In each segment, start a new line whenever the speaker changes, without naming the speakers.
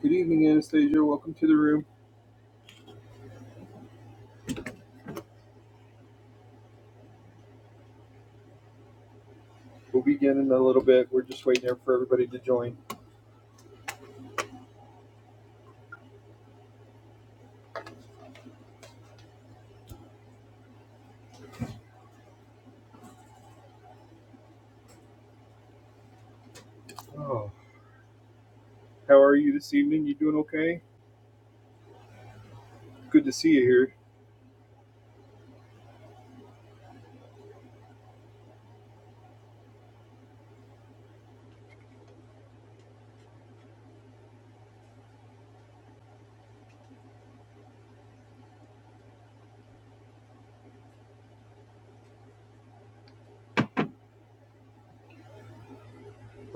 Good evening, Anastasia. Welcome to the room. We'll begin in a little bit. We're just waiting there for everybody to join. Oh. How are you this evening? You doing okay? Good to see you here.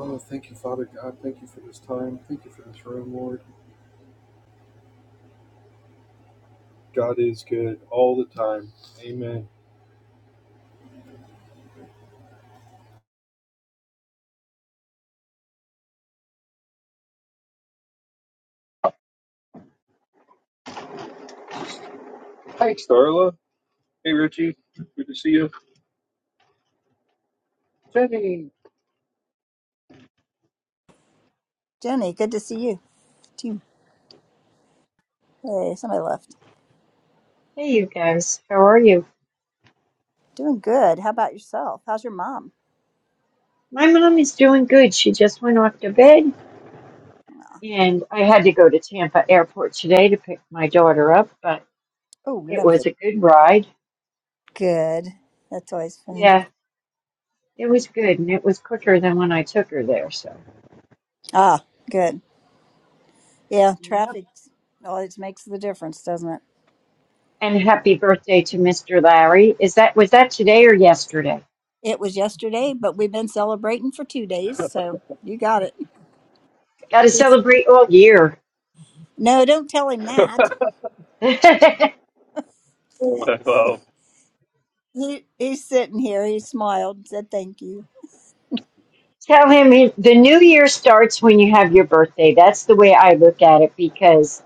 Oh, thank you, Father God. Thank you for this time. Thank you for this room, Lord. God is good all the time. Amen. Hi, Starla. Hey, Richie. Good to see you. Jenny.
Jenny, good to see you too. Hey, somebody left.
Hey, you guys, how are you?
Doing good. How about yourself? How's your mom?
My mom is doing good. She just went off to bed, and I had to go to Tampa Airport today to pick my daughter up, but
Oh,
it
lovely.
was a good ride.
Good. That's always fun.
Yeah, it was good, and it was quicker than when I took her there, so.
Ah, good. Yeah,
Yep.
traffic always makes the difference, doesn't it?
And happy birthday to Mr. Larry. Is that was that today or yesterday?
It was yesterday, but we've been celebrating for two days, so you got it.
Got to celebrate all year.
No, don't tell him that.
Hello.
He he's sitting here. He smiled and said, "Thank you."
Tell him he- the new year starts when you have your birthday. That's the way I look at it because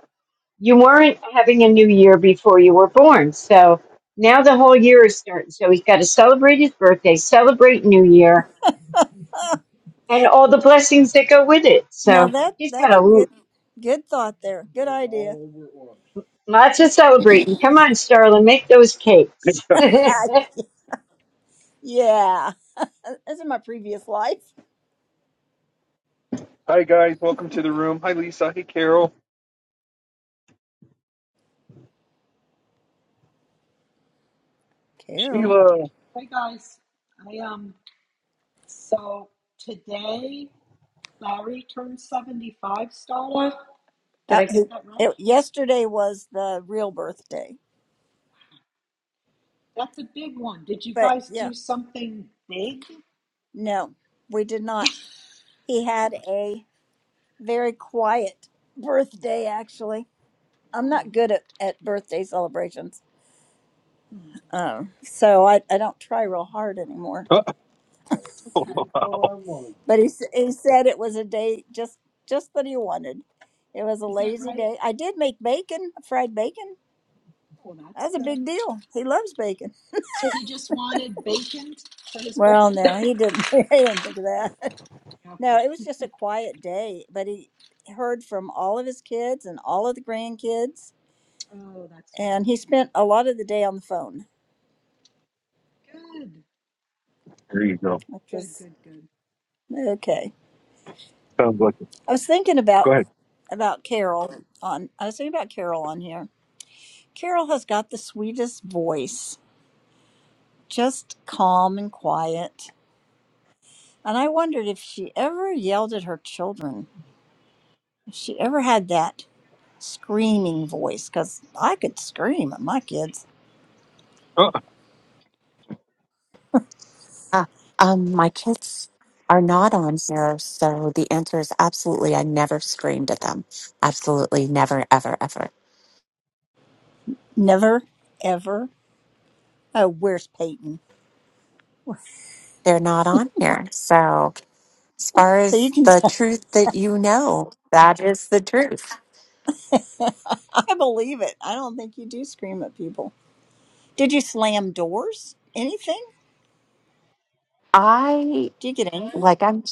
you weren't having a new year before you were born. So now the whole year is starting. So he's got to celebrate his birthday, celebrate New Year, and all the blessings that go with it.
Now
So
that
he's got
that's
a
a
l-
good good thought there. Good idea.
lots of celebrating. Come on, Starlin, make those cakes. we
Uh, yeah, that's in my previous life.
Hi, guys. Welcome to the room. Hi, Lisa. Hey, Carol.
Carol.
Sheila.
Uh, who- it, yesterday was the real birthday, but yeah, no, we did not. He had a very quiet birthday, actually. I'm not good at, at birthday celebrations, um, so I, I don't try real hard anymore.
Oh,
But he, s- he said it was a day just just that he wanted. It was a lazy day. I did make bacon, fried bacon. That's a big deal. He loves bacon. Well, no, he didn't. he didn't think of that. No, it was just a quiet day, but he heard from all of his kids and all of the grandkids, and he spent a lot of the day on the phone,
there you go.
which was okay.
Sounds like it.
I was thinking
Go
about
ahead.
about Carol on I was thinking about Carol on here. Carol has got the sweetest voice, just calm and quiet. And I wondered if she ever yelled at her children, if she ever had that screaming voice, because I could scream at my kids.
Oh,
Uh, um, my kids are not on here, so the answer is absolutely. I never screamed at them. Absolutely, never, ever, ever.
Never, ever Oh, where's Peyton?
They're not on here. So, as far
So you
as
can
the
tell.
truth that you know, that is the truth.
I believe it. I don't think you do scream at people. Did you slam doors? Anything?
I
Do you get angry?
like. I'm.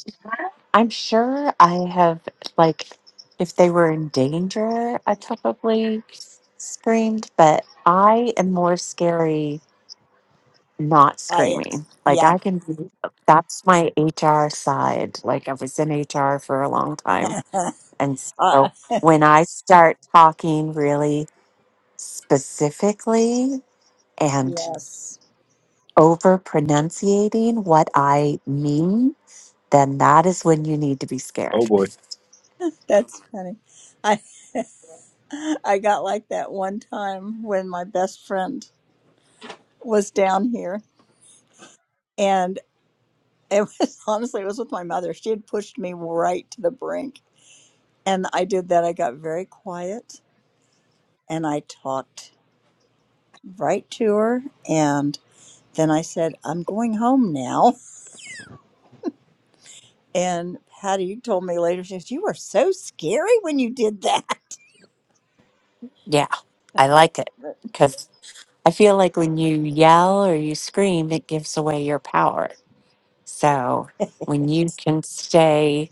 I'm sure I have like. If they were in danger, I probably screamed. But I am more scary not
Quiet.
screaming. Like
Yeah.
I can be- that's my HR side. Like I was in HR for a long time.
uh,
And so when I start talking really specifically and
yes.
over pronunciating what I mean, then that is when you need to be
oh
scared.
boy.
That's funny. I I got like that one time when my best friend was down here and it was honestly it was with my mother. She had pushed me right to the brink and I did that. I got very quiet and I talked right to her. And then I said, I'm going home now. And Patty told me later, she says, You were so scary when you did that.
Yeah, I like it
But
because I feel like when you yell or you scream, it gives away your power. So when you can stay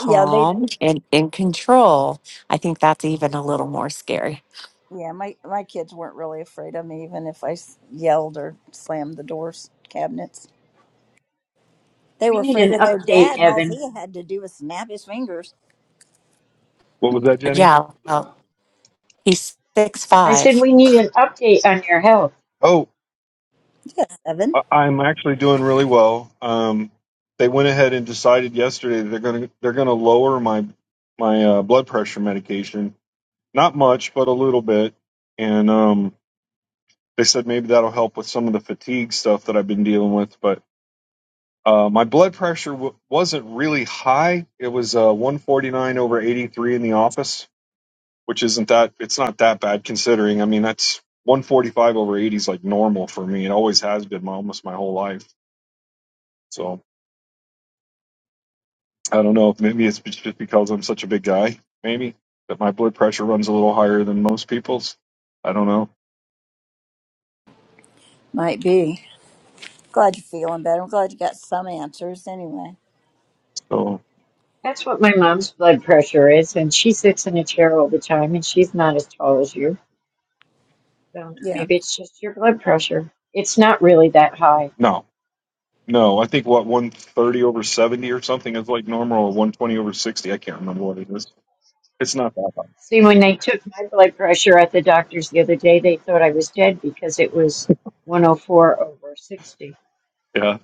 yeah, they,
and in control, I think that's even a little more scary.
yeah, my, my kids weren't really afraid of me, even if I s- yelled or slammed the doors, cabinets. They were
need
afraid
an
of their
update,
dad, and all
Evan.
he had to do was snap his fingers.
What was any?
Yeah, well, he's six
I said
five.
we need an update on your health.
Yeah, seven.
I- I'm actually doing really well. Um, they went ahead and decided yesterday that they're going to they're going to lower my my uh, blood pressure medication. Not much, but a little bit. And um, they said maybe that'll help with some of the fatigue stuff that I've been dealing with. But uh, my blood pressure w- wasn't really high. It was uh, 149 over 83 in the office, which isn't that it's not that bad considering. I mean, that's 145 over 80 is like normal for me. It always has been my, almost my whole life. So. I don't know if maybe it's just because I'm such a big guy, maybe that my blood pressure runs a little higher than most people's. I don't know.
Might be. Glad you're feeling better. I'm glad you got some answers anyway.
So
That's what my mom's blood pressure is, and she sits in a chair all the time, and she's not as tall as you. So
Yeah.
maybe it's just your blood pressure. It's not really that high
no, no, I think what 130 over 70 or something is like normal, or 120 over 60. I can't remember what it is. It's not that high.
See, when they took my blood pressure at the doctor's the other day, they thought I was dead because it was 104 over 60.
Yeah,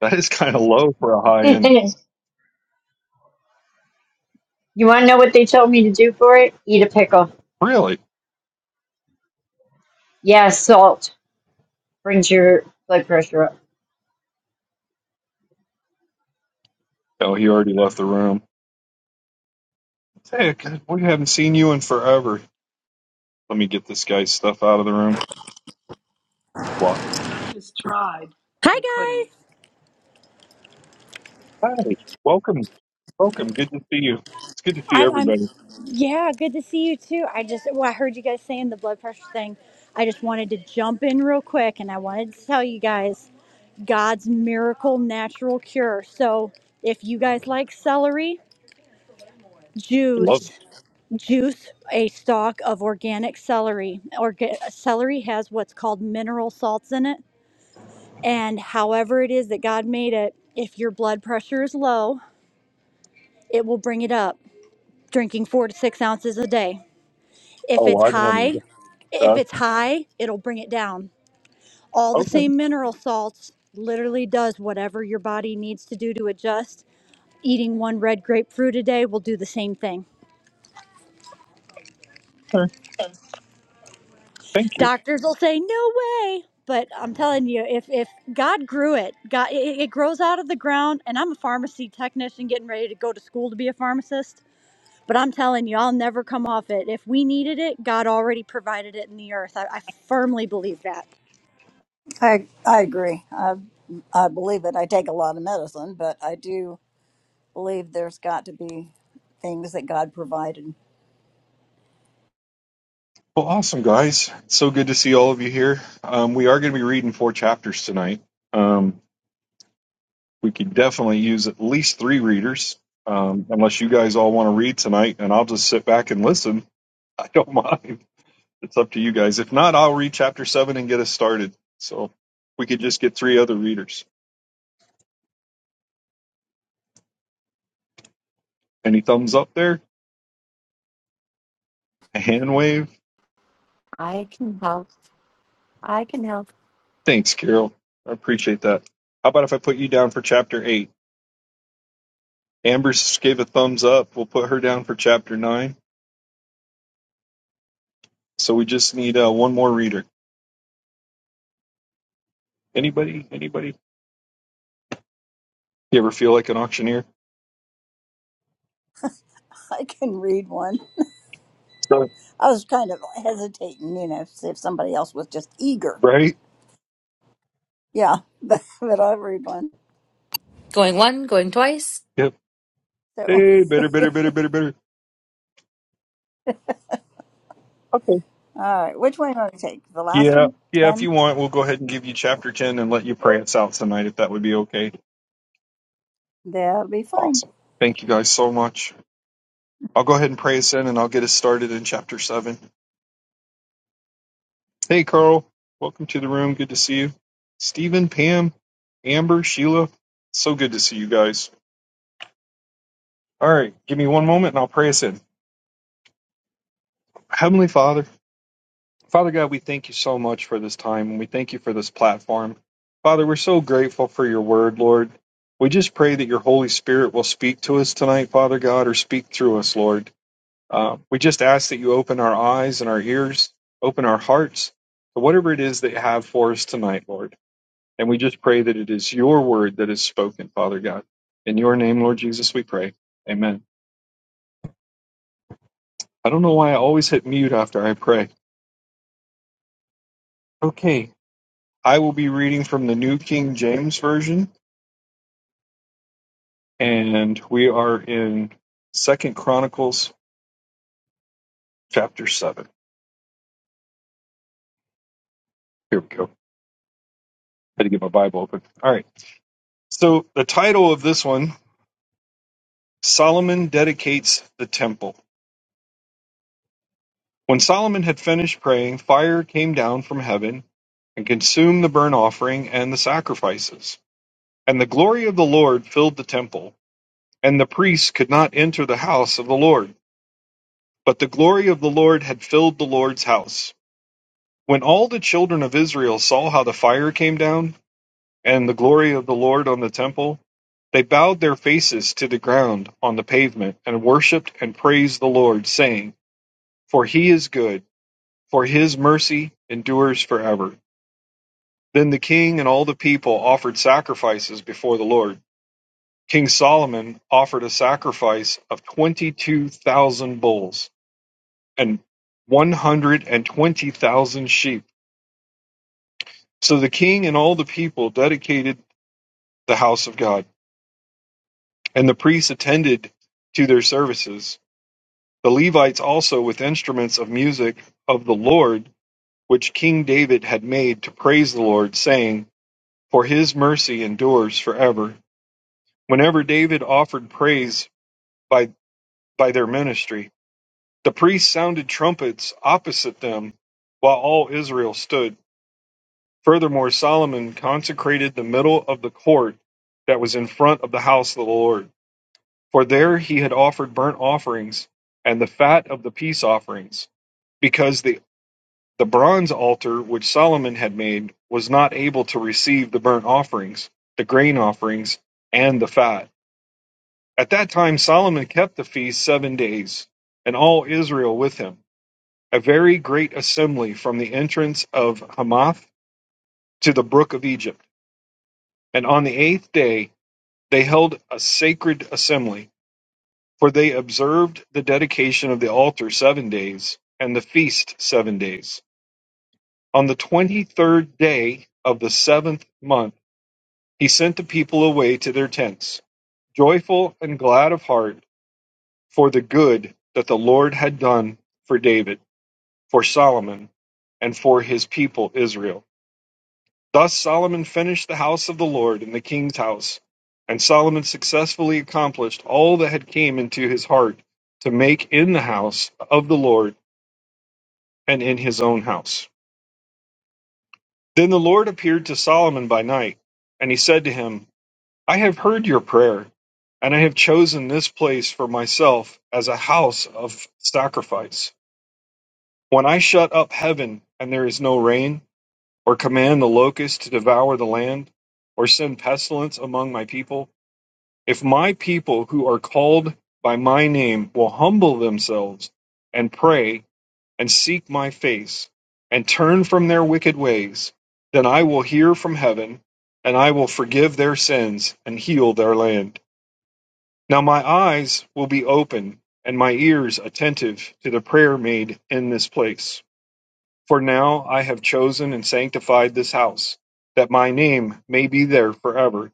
that is kind of low for a high
you
end.
want to know what they told me to do for it? Eat a pickle.
Really?
Yeah, salt brings your blood pressure up.
Oh, he already left the room. Hey, we haven't seen you in forever. Let me get this guy's stuff out of the room. Block.
Hi guys.
Hey, welcome, welcome. Good to see you. It's good to see
I'm, I'm
everybody.
yeah, good to see you too. I just well, I heard you guys saying the blood pressure thing. I just wanted to jump in real quick and I wanted to tell you guys God's miracle natural cure. So, if you guys like celery,
Love it.
juice, juice a stalk of organic celery. Orga- celery has what's called mineral salts in it, and however it is that God made it, if your blood pressure is low, it will bring it up. Drinking 4 to 6 ounces a day. If
Oh,
it's
I wanted.
high, if
Uh,
it's high, it'll bring it down. All the
okay.
same mineral salts literally does whatever your body needs to do to adjust. Eating one red grapefruit a day will do the same thing.
all right. Thank you.
Doctors will say no way, but I'm telling you, if if God grew it, God it, it grows out of the ground. And I'm a pharmacy technician getting ready to go to school to be a pharmacist. But I'm telling you, I'll never come off it. If we needed it, God already provided it in the earth. I, I firmly believe that.
I I agree. I I believe it. I take a lot of medicine, but I do believe there's got to be things that God provided.
Well, awesome, guys. It's so good to see all of you here. Um, we are going to be reading four chapters tonight. Um, we could definitely use at least three readers, um, unless you guys all want to read tonight, and I'll just sit back and listen. I don't mind. It's up to you guys. If not, I'll read chapter seven and get us started. So we could just get three other readers. Any thumbs up there? A hand wave?
I can help. I can help.
Thanks, Carol. I appreciate that. How about if I put you down for chapter eight? Amber gave a thumbs up. We'll put her down for chapter nine. So we just need uh, one more reader. Anybody? Anybody? You ever feel like an auctioneer?
I can read one.
So-
I was kind of hesitating, you know, see if somebody else was just eager.
Right?
Yeah, but, but I'll read one.
Going one, going twice.
Yep.
So,
Hey, better, better, better, better, better. Okay.
all right, which one do I take? The last
Yeah.
one?
Yeah. If
Ten?
you want, we'll go ahead and give you chapter 10 and let you pray us out tonight if that would be okay.
That'll be fine.
Awesome. Thank you guys so much. I'll go ahead and pray us in and I'll get us started in chapter seven. Hey, Carl. Welcome to the room. Good to see you. Stephen, Pam, Amber, Sheila. So good to see you guys. All right, give me one moment and I'll pray us in. Heavenly Father, Father God, we thank you so much for this time and we thank you for this platform. Father, we're so grateful for your word, Lord. We just pray that your Holy Spirit will speak to us tonight, Father God, or speak through us, Lord. Uh, we just ask that you open our eyes and our ears, open our hearts to whatever it is that you have for us tonight, Lord. And we just pray that it is your word that is spoken, Father God. In your name, Lord Jesus, we pray. Amen. I don't know why I always hit mute after I pray. Okay, I will be reading from the New King James Version, and we are in Second Chronicles chapter seven. Here we go. Had to get my Bible open. All right. So the title of this one, Solomon dedicates the temple. When Solomon had finished praying, fire came down from heaven and consumed the burnt offering and the sacrifices. And the glory of the Lord filled the temple, and the priests could not enter the house of the Lord. But the glory of the Lord had filled the Lord's house. When all the children of Israel saw how the fire came down, and the glory of the Lord on the temple, they bowed their faces to the ground on the pavement, and worshipped and praised the Lord, saying, For he is good, for his mercy endures forever. Then the king and all the people offered sacrifices before the Lord. King Solomon offered a sacrifice of 22,000 bulls and 120,000 sheep. So the king and all the people dedicated the house of God, and the priests attended to their services. The Levites also with instruments of music of the Lord, which King David had made to praise the Lord, saying, For his mercy endures forever. Whenever David offered praise by, by their ministry, the priests sounded trumpets opposite them while all Israel stood. Furthermore, Solomon consecrated the middle of the court that was in front of the house of the Lord For there he had offered burnt offerings and the fat of the peace offerings, because the, the bronze altar which Solomon had made was not able to receive the burnt offerings, the grain offerings, and the fat. At that time Solomon kept the feast seven days, and all Israel with him, a very great assembly from the entrance of Hamath to the brook of Egypt. And on the eighth day they held a sacred assembly For they observed the dedication of the altar seven days, and the feast seven days. On the twenty third day of the seventh month, he sent the people away to their tents, joyful and glad of heart for the good that the Lord had done for David, for Solomon, and for his people Israel. Thus Solomon finished the house of the Lord and the king's house, and Solomon successfully accomplished all that had came into his heart to make in the house of the Lord and in his own house. Then the Lord appeared to Solomon by night, and he said to him, I have heard your prayer, and I have chosen this place for myself as a house of sacrifice. When I shut up heaven and there is no rain, or command the locust to devour the land, or send pestilence among my people, if my people who are called by my name will humble themselves and pray and seek my face, and turn from their wicked ways, then I will hear from heaven, and I will forgive their sins and heal their land. Now my eyes will be open, and my ears attentive to the prayer made in this place. For now I have chosen and sanctified this house, that my name may be there forever,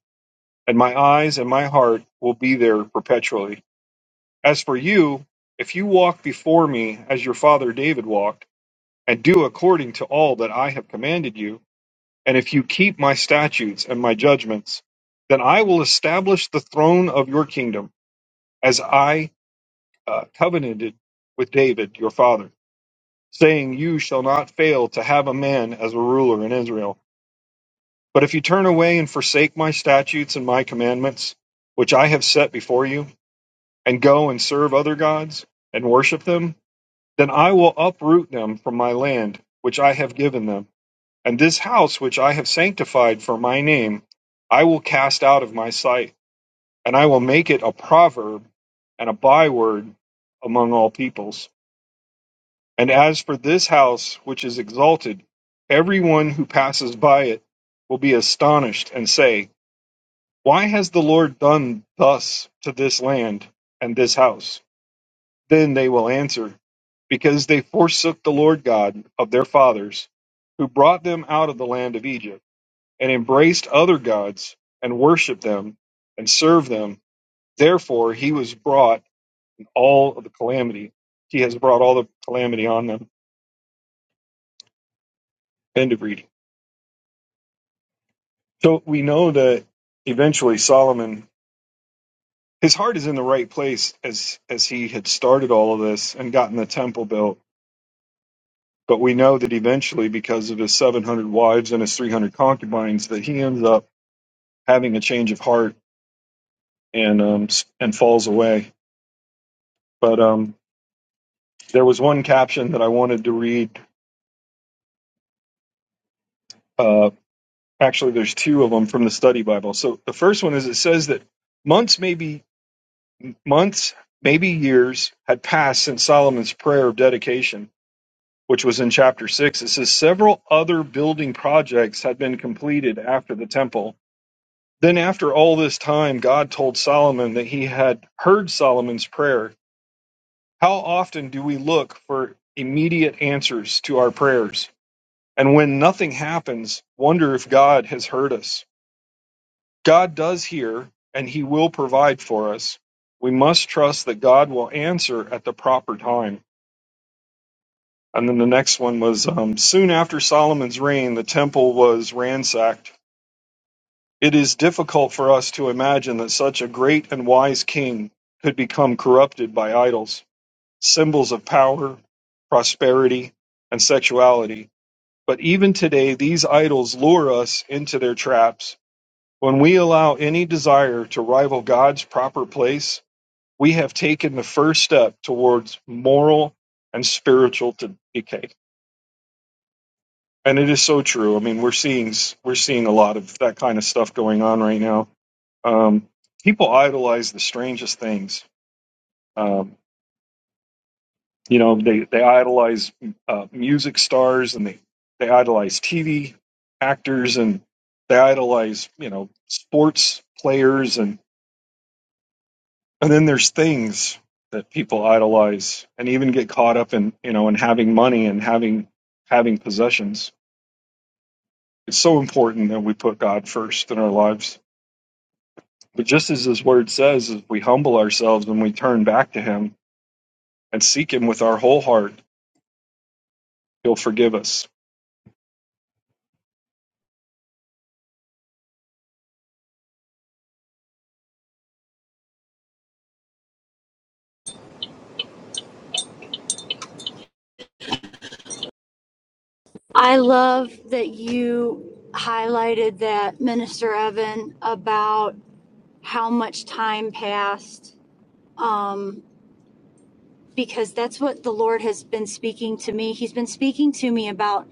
and my eyes and my heart will be there perpetually. As for you, if you walk before me as your father David walked, and do according to all that I have commanded you, and if you keep my statutes and my judgments, then I will establish the throne of your kingdom as I uh, covenanted with David your father, saying, You shall not fail to have a man as a ruler in Israel. But if you turn away and forsake my statutes and my commandments, which I have set before you, and go and serve other gods and worship them, then I will uproot them from my land, which I have given them And this house which I have sanctified for my name, I will cast out of my sight, and I will make it a proverb and a byword among all peoples. And as for this house which is exalted, everyone who passes by it will be astonished and say, Why has the Lord done thus to this land and this house? Then they will answer, Because they forsook the Lord God of their fathers, who brought them out of the land of Egypt and embraced other gods and worshiped them and served them. Therefore, he was brought in all of the calamity. He has brought all the calamity on them. End of reading. So we know that eventually Solomon, his heart is in the right place as as he had started all of this and gotten the temple built. But we know that eventually, because of his 700 wives and his 300 concubines, that he ends up having a change of heart and um, and falls away. But um, There was one caption that I wanted to read. Uh, actually, there's two of them from the study Bible. So the first one is it says that months, maybe months, maybe years had passed since Solomon's prayer of dedication, which was in chapter six. It says several other building projects had been completed after the temple. Then, after all this time, God told Solomon that he had heard Solomon's prayer. How often do we look for immediate answers to our prayers? And when nothing happens, wonder if God has heard us. God does hear, and He will provide for us. We must trust that God will answer at the proper time. And then the next one was um, soon after Solomon's reign, the temple was ransacked. It is difficult for us to imagine that such a great and wise king could become corrupted by idols, symbols of power, prosperity, and sexuality. But even today, these idols lure us into their traps When we allow any desire to rival God's proper place, we have taken the first step towards moral and spiritual decay. And it is so true. I mean, we're seeing we're seeing a lot of that kind of stuff going on right now. Um, people idolize the strangest things. Um, you know, they they idolize uh, music stars and they they idolize TV actors and they idolize you know sports players and. And then there's things that people idolize and even get caught up in, you know, in having money and having having possessions. It's so important that we put God first in our lives. But just as his word says, if we humble ourselves and we turn back to him and seek him with our whole heart, he'll forgive us.
I love that you highlighted that, Minister Evan, about how much time passed, um, because that's what the Lord has been speaking to me. He's been speaking to me about,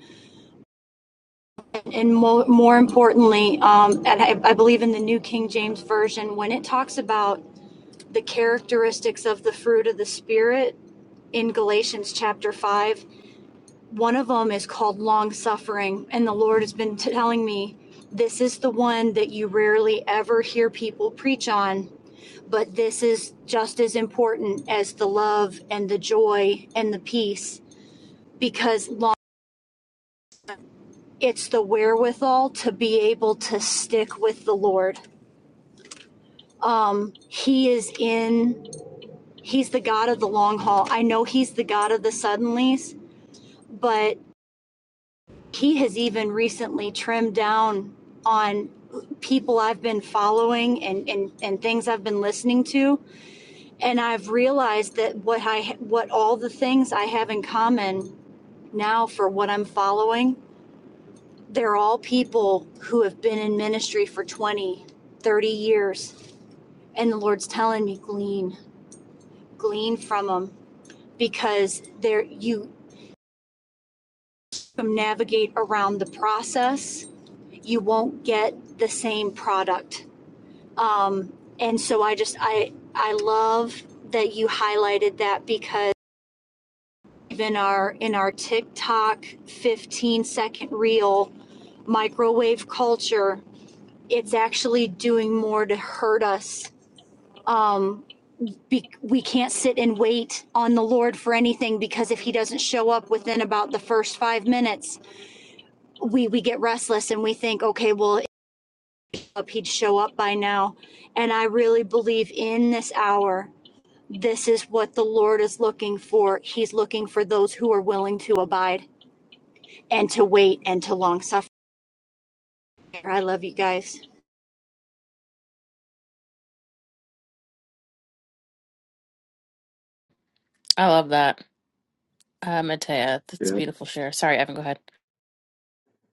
and mo- more importantly, um, and I, I believe in the New King James Version, when it talks about the characteristics of the fruit of the Spirit in Galatians chapter 5 One of them is called long suffering. And the Lord has been telling me this is the one that you rarely ever hear people preach on, but this is just as important as the love and the joy and the peace because long, it's the wherewithal to be able to stick with the Lord. Um, he is in, he's the God of the long haul. I know he's the God of the suddenlies, but he has even recently trimmed down on people I've been following and, and, and things I've been listening to. And I've realized that what I, what all the things I have in common now for what I'm following, they're all people who have been in ministry for 20, 30 years. And the Lord's telling me glean, glean from them because there you navigate around the process. You won't get the same product Um, and so I just I I love that you highlighted that because even our in our TikTok 15 second reel microwave culture, it's actually doing more to hurt us. Um, be, we can't sit and wait on the Lord for anything because if He doesn't show up within about the first five minutes, we we get restless and we think, okay, well, if He'd show up by now. And I really believe in this hour This is what the Lord is looking for. He's looking for those who are willing to abide and to wait and to long suffer. I love you guys.
I love that, uh, Matea. That's a
Yeah.
beautiful share. Sorry, Evan, go ahead.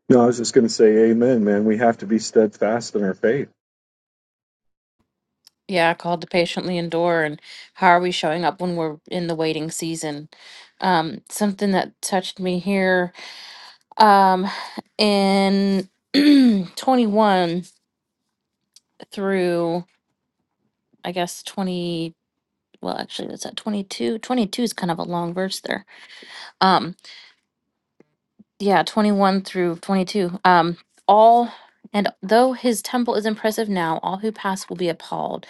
No, I was just going to say amen, man. We have to be steadfast in our faith.
Yeah, called to patiently endure, and how are we showing up when we're in the waiting season? Um, something that touched me here um, in 21 through, I guess, 20. Well, actually, that's at 22. 22 is kind of a long verse there. Um, yeah 21 through 22 um all and though his temple is impressive now all who pass will be appalled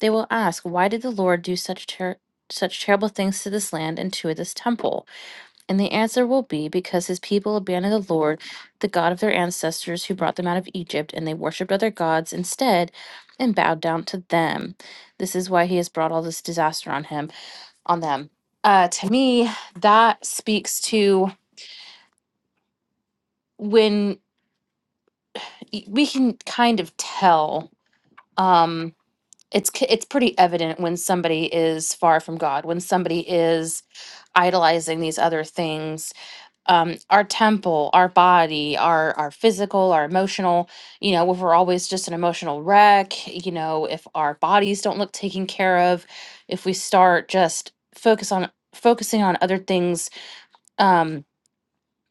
they will ask why did the lord do such ter- such terrible things to this land and to this temple and the answer will be because his people abandoned the lord the god of their ancestors who brought them out of egypt and they worshipped other gods instead and bowed down to them this is why he has brought all this disaster on him on them uh to me that speaks to when y- we can kind of tell um it's c- it's pretty evident when somebody is far from god when somebody is idolizing these other things um our temple our body our our physical our emotional you know if we're always just an emotional wreck you know if our bodies don't look taken care of if we start just focus on focusing on other things Um,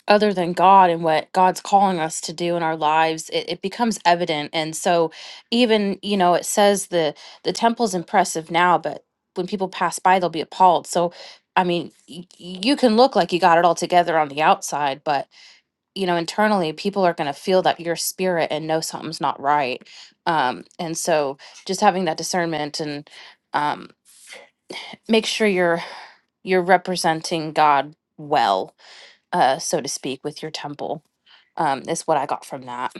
other than God and what God's calling us to do in our lives, it, it becomes evident. And so even, you know, it says the the temple's impressive now, but when people pass by, they'll be appalled. So I mean, y- you can look like you got it all together on the outside, but you know, internally, people are going to feel that your spirit and know something's not right. Um, and so, just having that discernment and um, make sure you're you're representing God well uh, so to speak, with your temple. Um, is what I got from that.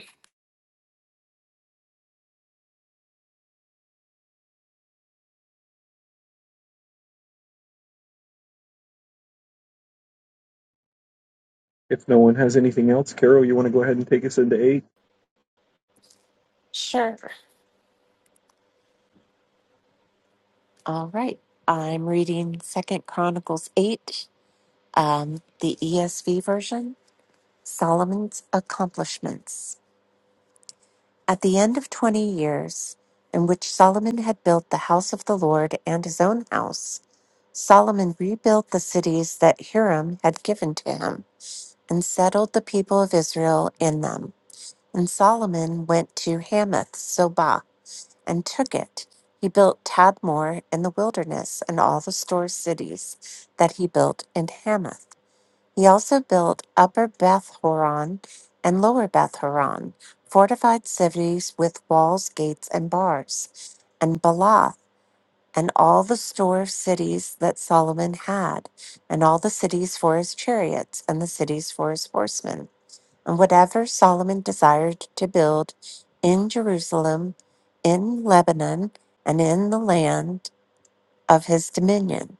If no one has anything else, Carol, you want to go ahead and take us into eight?
Sure. All right. I'm reading Second Chronicles eight, um, the ESV version. Solomon's accomplishments. At the end of twenty years, in which Solomon had built the house of the Lord and his own house. Solomon rebuilt the cities that Hiram had given to him and settled the people of Israel in them. And Solomon went to Hamath Zobah and took it. He built Tadmor in the wilderness and all the store cities that he built in Hamath. He also built Upper Beth Horon and Lower Beth Horon, fortified cities with walls, gates, and bars. And Baalath and all the store of cities that Solomon had, and all the cities for his chariots, and the cities for his horsemen, and whatever Solomon desired to build in Jerusalem, in Lebanon, and in the land of his dominion.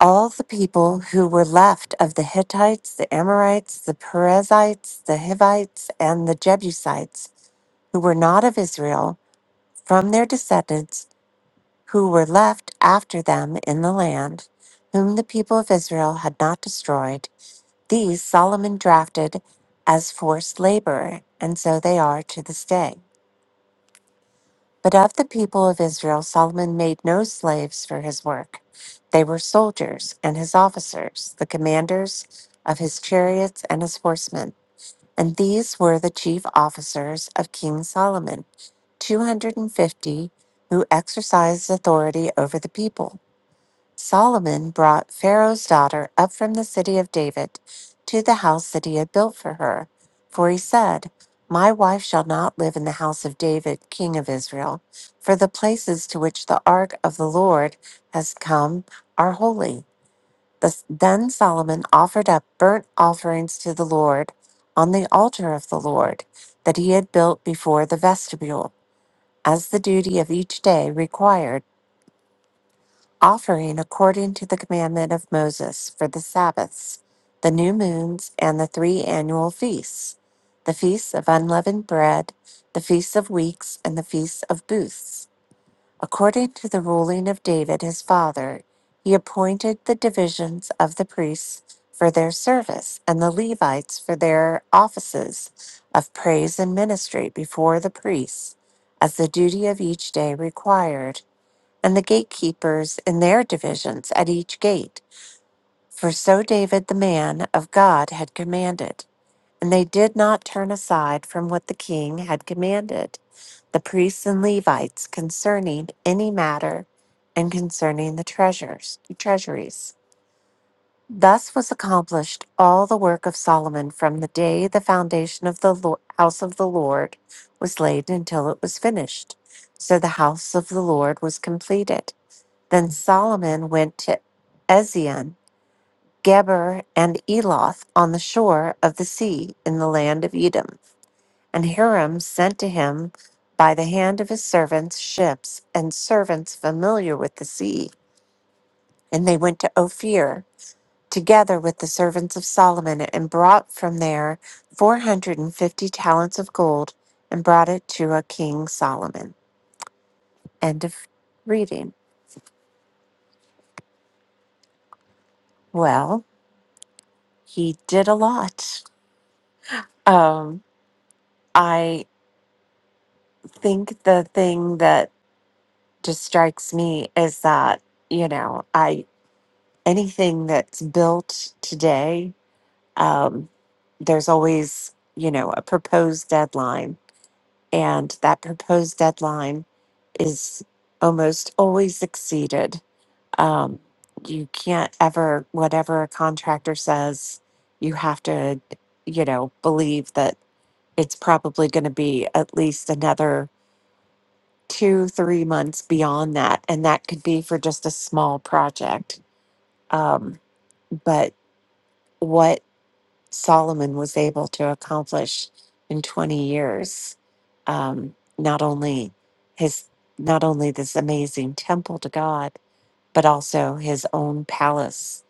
All the people who were left of the Hittites, the Amorites, the Perizzites, the Hivites, and the Jebusites, who were not of Israel, from their descendants who were left after them in the land, whom the people of Israel had not destroyed, these Solomon drafted as forced labor, and so they are to this day. But of the people of Israel, Solomon made no slaves for his work. They were soldiers and his officers, the commanders of his chariots and his horsemen. And these were the chief officers of King Solomon, 250 who exercised authority over the people. Solomon brought Pharaoh's daughter up from the city of David to the house that he had built for her. For he said, My wife shall not live in the house of David, king of Israel, for the places to which the ark of the Lord has come are holy. Thus- Then Solomon offered up burnt offerings to the Lord on the altar of the Lord that he had built before the vestibule, as the duty of each day required offering according to the commandment of Moses for the Sabbaths, the new moons, and the three annual feasts the feasts of unleavened bread, the feasts of weeks, and the feasts of booths. According to the ruling of David his father, he appointed the divisions of the priests for their service and the Levites for their offices of praise and ministry before the priests, as the duty of each day required and the gatekeepers in their divisions at each gate. For so David the man of God had commanded. And they did not turn aside from what the king had commanded the priests and Levites concerning any matter and concerning the treasures, treasuries. Thus was accomplished all the work of Solomon from the day the foundation of the Lo- house of the Lord was laid until it was finished. So the house of the Lord was completed then Solomon went to Ezion, Geber, and Eloth on the shore of the sea in the land of Edom. And Hiram sent to him by the hand of his servants ships and servants familiar with the sea. And they went to Ophir together with the servants of Solomon and brought from there 450 talents of gold and brought it to a king Solomon. End of reading. Well, he did a lot. Um. I think the thing that just strikes me is that, you know, I anything that's built today, um, there's always, you know, a proposed deadline. And that proposed deadline is almost always exceeded. Um, you can't ever, whatever a contractor says, you have to, you know, believe that it's probably going to be at least another two, three months beyond that. And that could be for just a small project. Um, but what Solomon was able to accomplish in 20 years, um, not only his, not only this amazing temple to God, but also his own palace.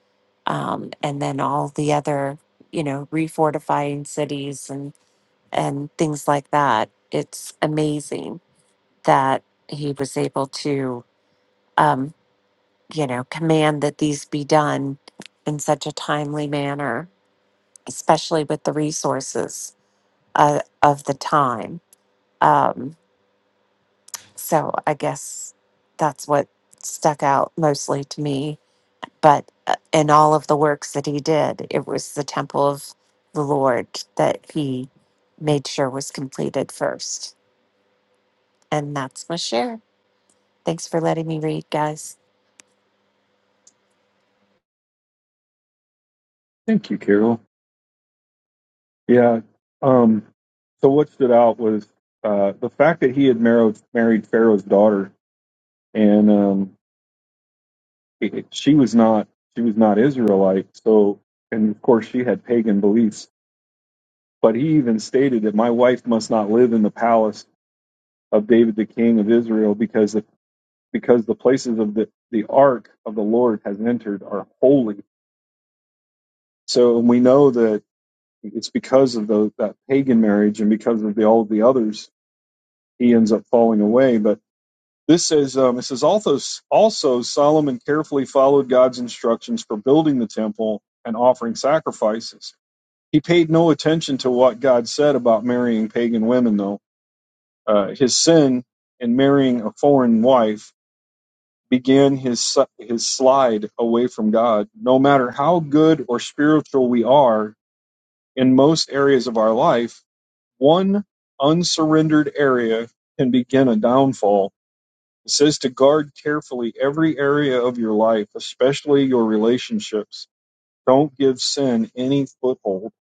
Um, and then all the other, you know, refortifying cities and, and things like that. It's amazing that he was able to, um, you know, command that these be done in such a timely manner, especially with the resources uh, of the time. Um, so I guess that's what stuck out mostly to me. But uh, in all of the works that he did, it was the temple of the Lord that he made sure was completed first. And that's my share. Thanks for letting me read, guys.
Thank you, Carol. Yeah. Um, so what stood out was uh, the fact that he had married married Pharaoh's daughter, and um, it- it- she was not she was not Israelite. So, and of course, she had pagan beliefs. But he even stated that my wife must not live in the palace of David, the king of Israel, because the, because the places of the the ark of the Lord has entered are holy. So we know that it's because of the, that pagan marriage and because of the, all of the others, he ends up falling away. But This says um, it says also also Solomon carefully followed God's instructions for building the temple and offering sacrifices. He paid no attention to what God said about marrying pagan women, though. Uh, his sin in marrying a foreign wife began his his slide away from God. No matter how good or spiritual we are in most areas of our life, one unsurrendered area can begin a downfall It says to guard carefully every area of your life, especially your relationships. Don't give sin any foothold.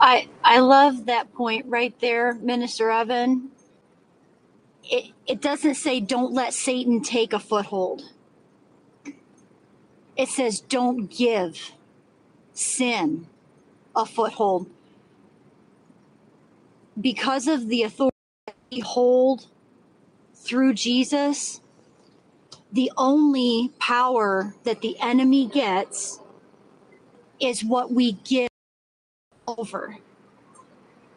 I I love that point right there, Minister Evan. It it doesn't say don't let Satan take a foothold. It says don't give sin a foothold because of the authority we hold through Jesus. The only power that the enemy gets is what we give over.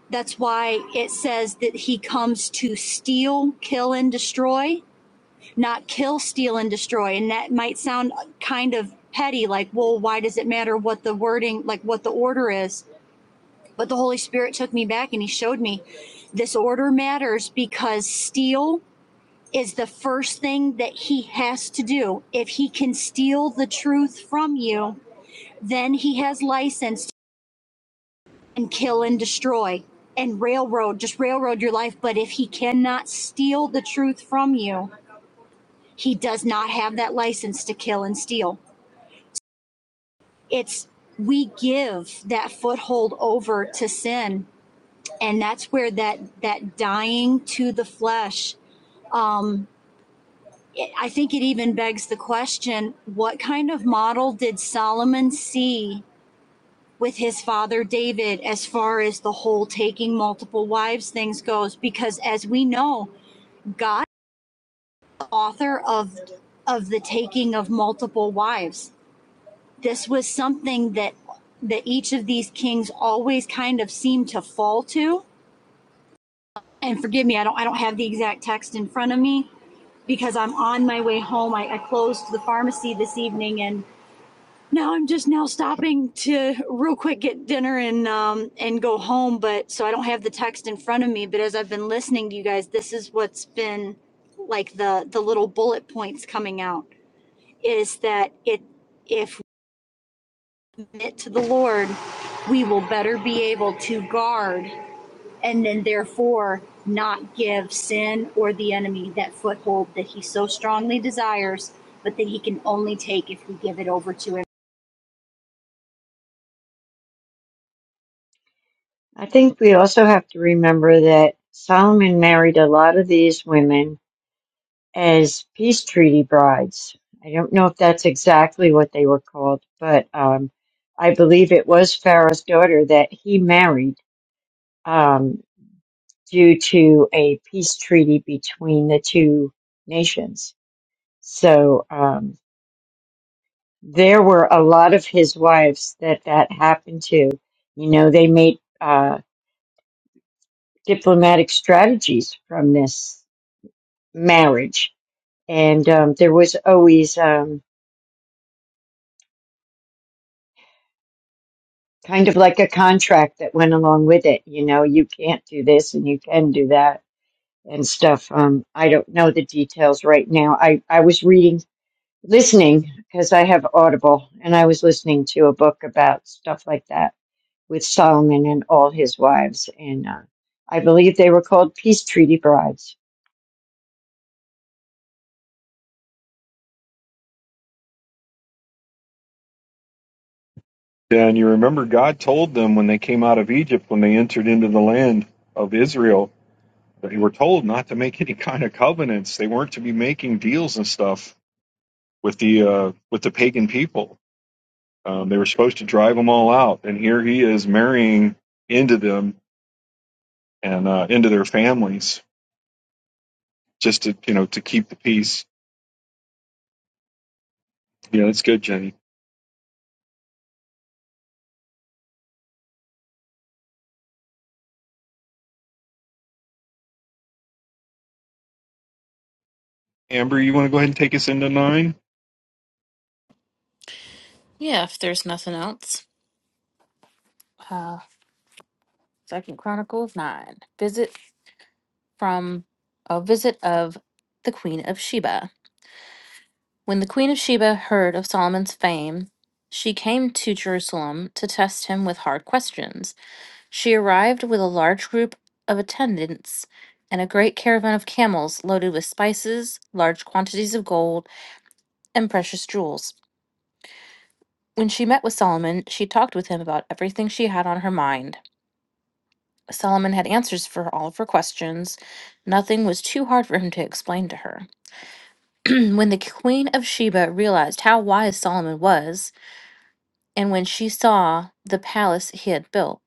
That's why it says that he comes to steal, kill, and destroy, not kill, steal, and destroy. And that might sound kind of petty, like, well, why does it matter what the wording, like what the order is? But the Holy Spirit took me back and he showed me this order matters because steal is the first thing that he has to do. If he can steal the truth from you, then he has license and kill and destroy and railroad, just railroad your life. But if he cannot steal the truth from you, he does not have that license to kill and steal. It's we give that foothold over to sin, and that's where that that dying to the flesh. Um, it, I think it even begs the question: What kind of model did Solomon see with his father David as far as the whole taking multiple wives things goes because as we know God, author of of the taking of multiple wives. This was something that that each of these kings always kind of seemed to fall to. And forgive me, I don't I don't have the exact text in front of me because I'm on my way home. I, I closed the pharmacy this evening and now I'm just now stopping to real quick get dinner and um and go home, but so I don't have the text in front of me, but as I've been listening to you guys, this is what's been like the the little bullet points coming out is that it if we commit to the Lord, we will better be able to guard and then therefore not give sin or the enemy that foothold that he so strongly desires, but that he can only take if we give it over to him.
I think we also have to remember that Solomon married a lot of these women as peace treaty brides. I don't know if that's exactly what they were called, but um, I believe it was Pharaoh's daughter that he married. Um, due to a peace treaty between the two nations. So um, there were a lot of his wives that that happened to. You know, they made uh, diplomatic strategies from this marriage, and um, there was always um, kind of like a contract that went along with it. You know, you can't do this and you can do that and stuff. Um, I don't know the details right now. I I was reading listening because I have Audible and I was listening to a book about stuff like that with Solomon and all his wives. And uh, I believe they were called Peace Treaty Brides.
Yeah, and you remember God told them when they came out of Egypt, when they entered into the land of Israel, that they were told not to make any kind of covenants. They weren't to be making deals and stuff with the uh, with the pagan people. Um, they were supposed to drive them all out, and here He is marrying into them and uh, into their families just to you know to keep the peace. Yeah, that's good, Jenny. Amber, you want to go ahead and take us into nine?
Yeah, if there's nothing else. Uh, Second Chronicles nine. Visit from a visit of the Queen of Sheba. When the Queen of Sheba heard of Solomon's fame, she came to Jerusalem to test him with hard questions. She arrived with a large group of attendants and a great caravan of camels loaded with spices, large quantities of gold, and precious jewels. When she met with Solomon, she talked with him about everything she had on her mind. Solomon had answers for all of her questions. Nothing was too hard for him to explain to her. when the Queen of Sheba realized how wise Solomon was, and when she saw the palace he had built,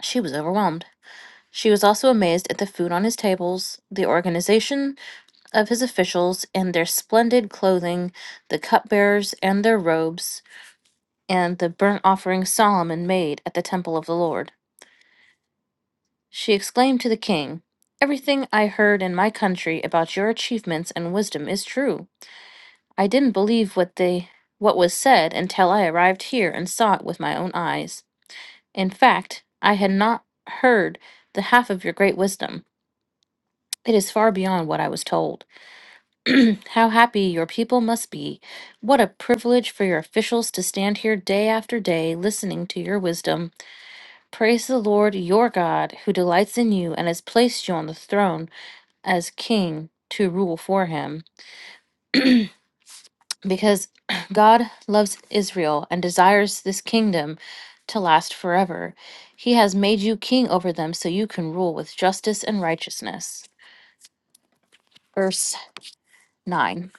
she was overwhelmed. She was also amazed at the food on his tables, the organization of his officials, and their splendid clothing, the cupbearers and their robes, and the burnt offering Solomon made at the temple of the Lord. She exclaimed to the king, Everything I heard in my country about your achievements and wisdom is true. I didn't believe what they what was said until I arrived here and saw it with my own eyes. In fact, I had not heard the half of your great wisdom. It is far beyond what I was told. How happy your people must be. What a privilege for your officials to stand here day after day listening to your wisdom. Praise the Lord your God, who delights in you and has placed you on the throne as king to rule for him because God loves Israel and desires this kingdom to last forever. He has made you king over them so you can rule with justice and righteousness. Verse 9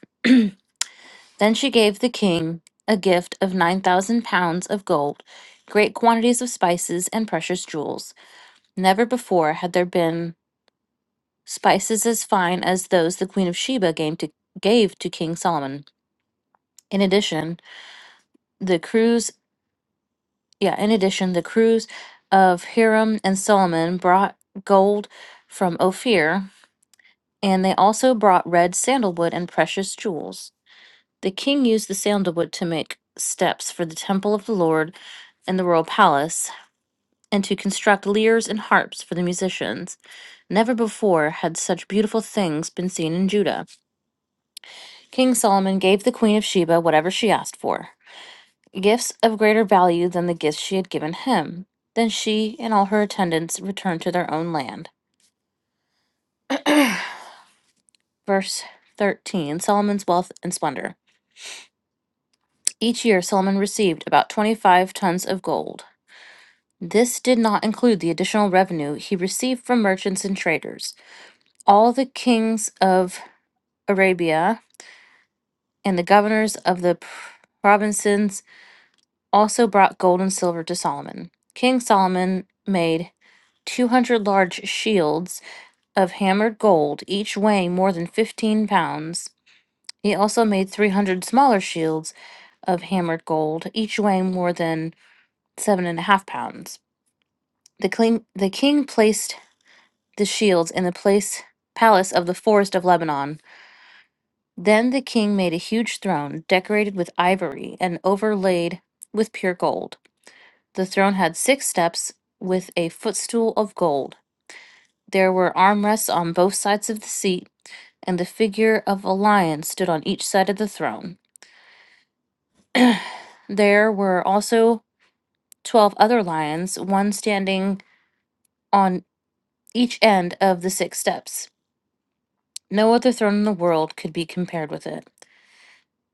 Then she gave the king a gift of 9,000 pounds of gold, great quantities of spices and precious jewels. Never before had there been spices as fine as those the queen of Sheba gave to, gave to King Solomon. In addition, the crews Yeah, in addition, the crews of Hiram and Solomon brought gold from Ophir, and they also brought red sandalwood and precious jewels. The king used the sandalwood to make steps for the temple of the Lord in the royal palace, and to construct lyres and harps for the musicians. Never before had such beautiful things been seen in Judah. King Solomon gave the queen of Sheba whatever she asked for. gifts of greater value than the gifts she had given him. Then she and all her attendants returned to their own land. Verse 13 Solomon's wealth and splendor. Each year, Solomon received about 25 tons of gold. This did not include the additional revenue he received from merchants and traders. All the kings of Arabia and the governors of the provinces also brought gold and silver to Solomon. King Solomon made 200 large shields of hammered gold, each weighing more than 15 pounds. He also made 300 smaller shields of hammered gold, each weighing more than seven and a half pounds. The, king the king placed the shields in the place palace of the forest of Lebanon. Then the king made a huge throne decorated with ivory and overlaid with pure gold. The throne had six steps with a footstool of gold. There were armrests on both sides of the seat and the figure of a lion stood on each side of the throne. There were also twelve other lions, one standing on each end of the six steps. No other throne in the world could be compared with it.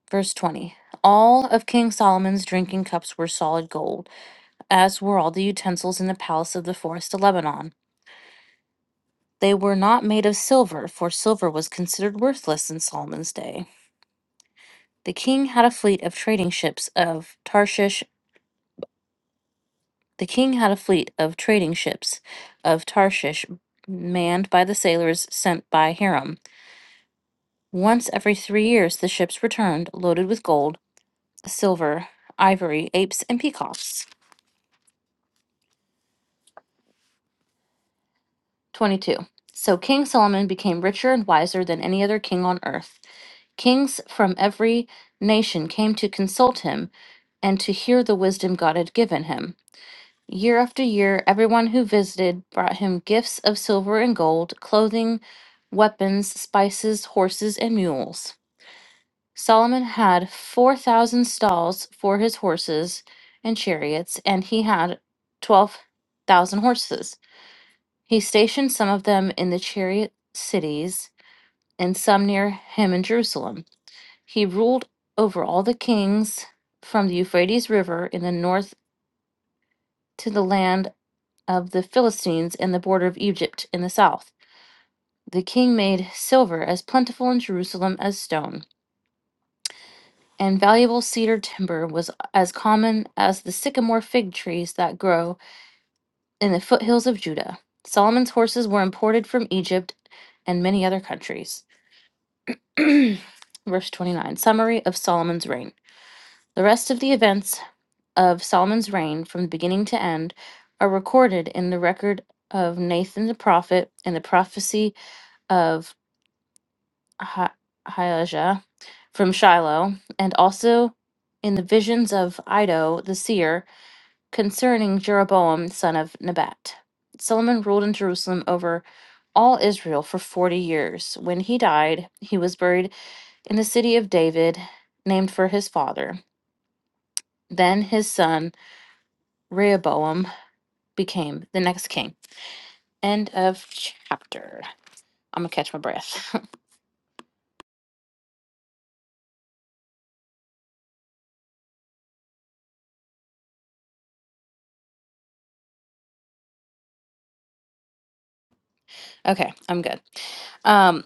Verse 20 All of King Solomon's drinking cups were solid gold, as were all the utensils in the palace of the forest of Lebanon. They were not made of silver, for silver was considered worthless in Solomon's day. The king had a fleet of trading ships of Tarshish The king had a fleet of trading ships of Tarshish manned by the sailors sent by Hiram. Once every three years, the ships returned loaded with gold, silver, ivory, apes, and peacocks. 22. So King Solomon became richer and wiser than any other king on earth. Kings from every nation came to consult him and to hear the wisdom God had given him. Year after year, everyone who visited brought him gifts of silver and gold, clothing, weapons, spices, horses, and mules. Solomon had 4,000 stalls for his horses and chariots, and he had 12,000 horses. He stationed some of them in the chariot cities and some near him in Jerusalem. He ruled over all the kings from the Euphrates River in the north to the land of the Philistines and the border of Egypt in the south. The king made silver as plentiful in Jerusalem as stone, and valuable cedar timber was as common as the sycamore fig trees that grow in the foothills of Judah. Solomon's horses were imported from Egypt and many other countries. Verse 29 Summary of Solomon's reign. The rest of the events of Solomon's reign from beginning to end are recorded in the record of Nathan the prophet and the prophecy of Ha- Hayaja from Shiloh, and also in the visions of Ido the seer concerning Jeroboam son of Nebat. Solomon ruled in Jerusalem over all Israel for forty years. When he died, he was buried in the city of David, named for his father. Then his son Rehoboam became the next king. End of chapter. I'm gonna catch my breath. okay, I'm good. Um,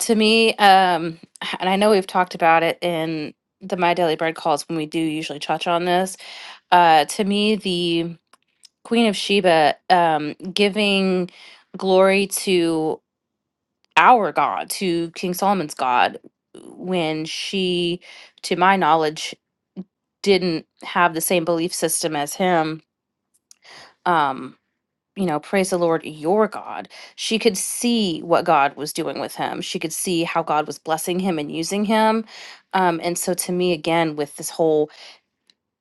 to me, um, and I know we've talked about it in the My Daily Bread calls when we do usually touch on this. Uh, to me, the Queen of Sheba um, giving glory to our God, to King Solomon's God, when she, to my knowledge, didn't have the same belief system as him. Um, you know, praise the Lord, your God. She could see what God was doing with him. She could see how God was blessing him and using him. Um, and so, to me, again, with this whole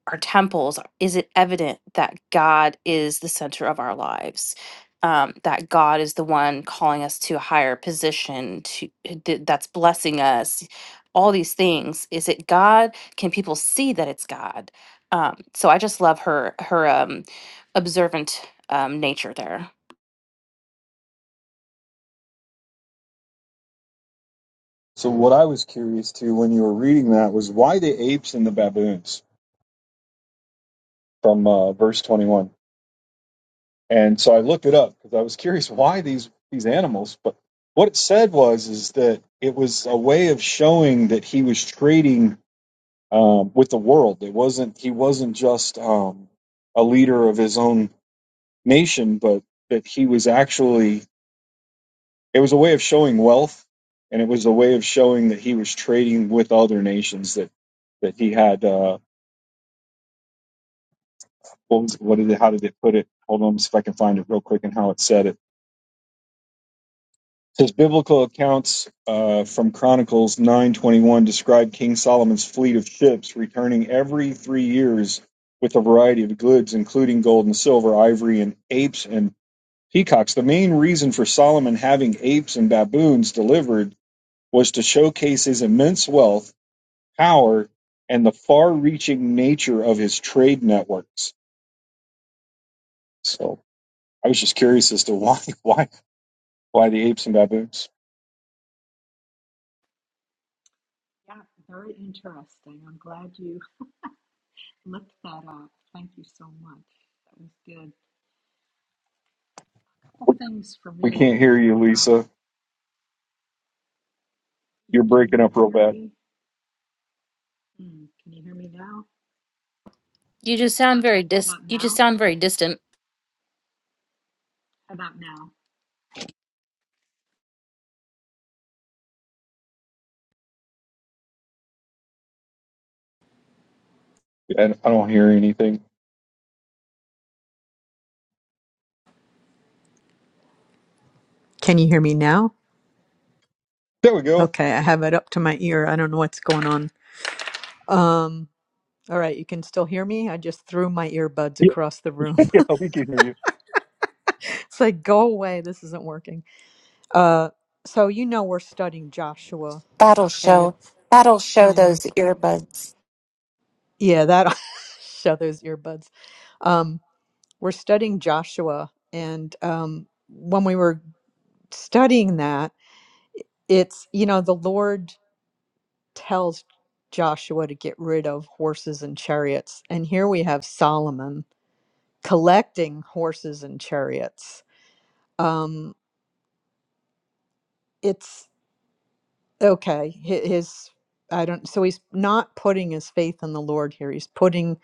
our temples, is it evident that God is the center of our lives? Um, that God is the one calling us to a higher position, to th- that's blessing us. All these things. Is it God? Can people see that it's God? Um, so I just love her her um, observant um, nature there.
So what I was curious to when you were reading that was why the apes and the baboons from uh, verse 21. And so I looked it up because I was curious why these these animals. But what it said was is that it was a way of showing that he was trading um, with the world. It wasn't he wasn't just um, a leader of his own nation, but that he was actually It was a way of showing wealth, and it was a way of showing that he was trading with other nations that that he had. Uh, what was what did it, how did it put it? Hold on, see if I can find it real quick and how it said it. His biblical accounts uh, from Chronicles nine twenty one describe King Solomon's fleet of ships returning every three years with a variety of goods, including gold and silver, ivory, and apes and peacocks. The main reason for Solomon having apes and baboons delivered was to showcase his immense wealth power and the far-reaching nature of his trade networks. So I was just curious as to why why why the apes and baboons. We can't hear you, Lisa. You're breaking up real bad,
You just sound very dis. You just sound very distant.
and I don't hear anything.
Can you hear me now?
There we go.
Okay, I have it up to my ear. I don't know what's going on. Um, all right, you can still hear me. I just threw my earbuds
Yeah,
across the room.
yeah, we can hear you.
it's like, go away. This isn't working. Uh, so you know we're studying Joshua
That'll
at
show. That'll show
and
those earbuds.
yeah, that show those earbuds. Um, we're studying Joshua, and um, when we were studying that, it's you know the Lord tells Joshua to get rid of horses and chariots, and here we have Solomon collecting horses and chariots. Um, it's okay. hi- His I don't. So he's not putting his faith in the Lord here. He's putting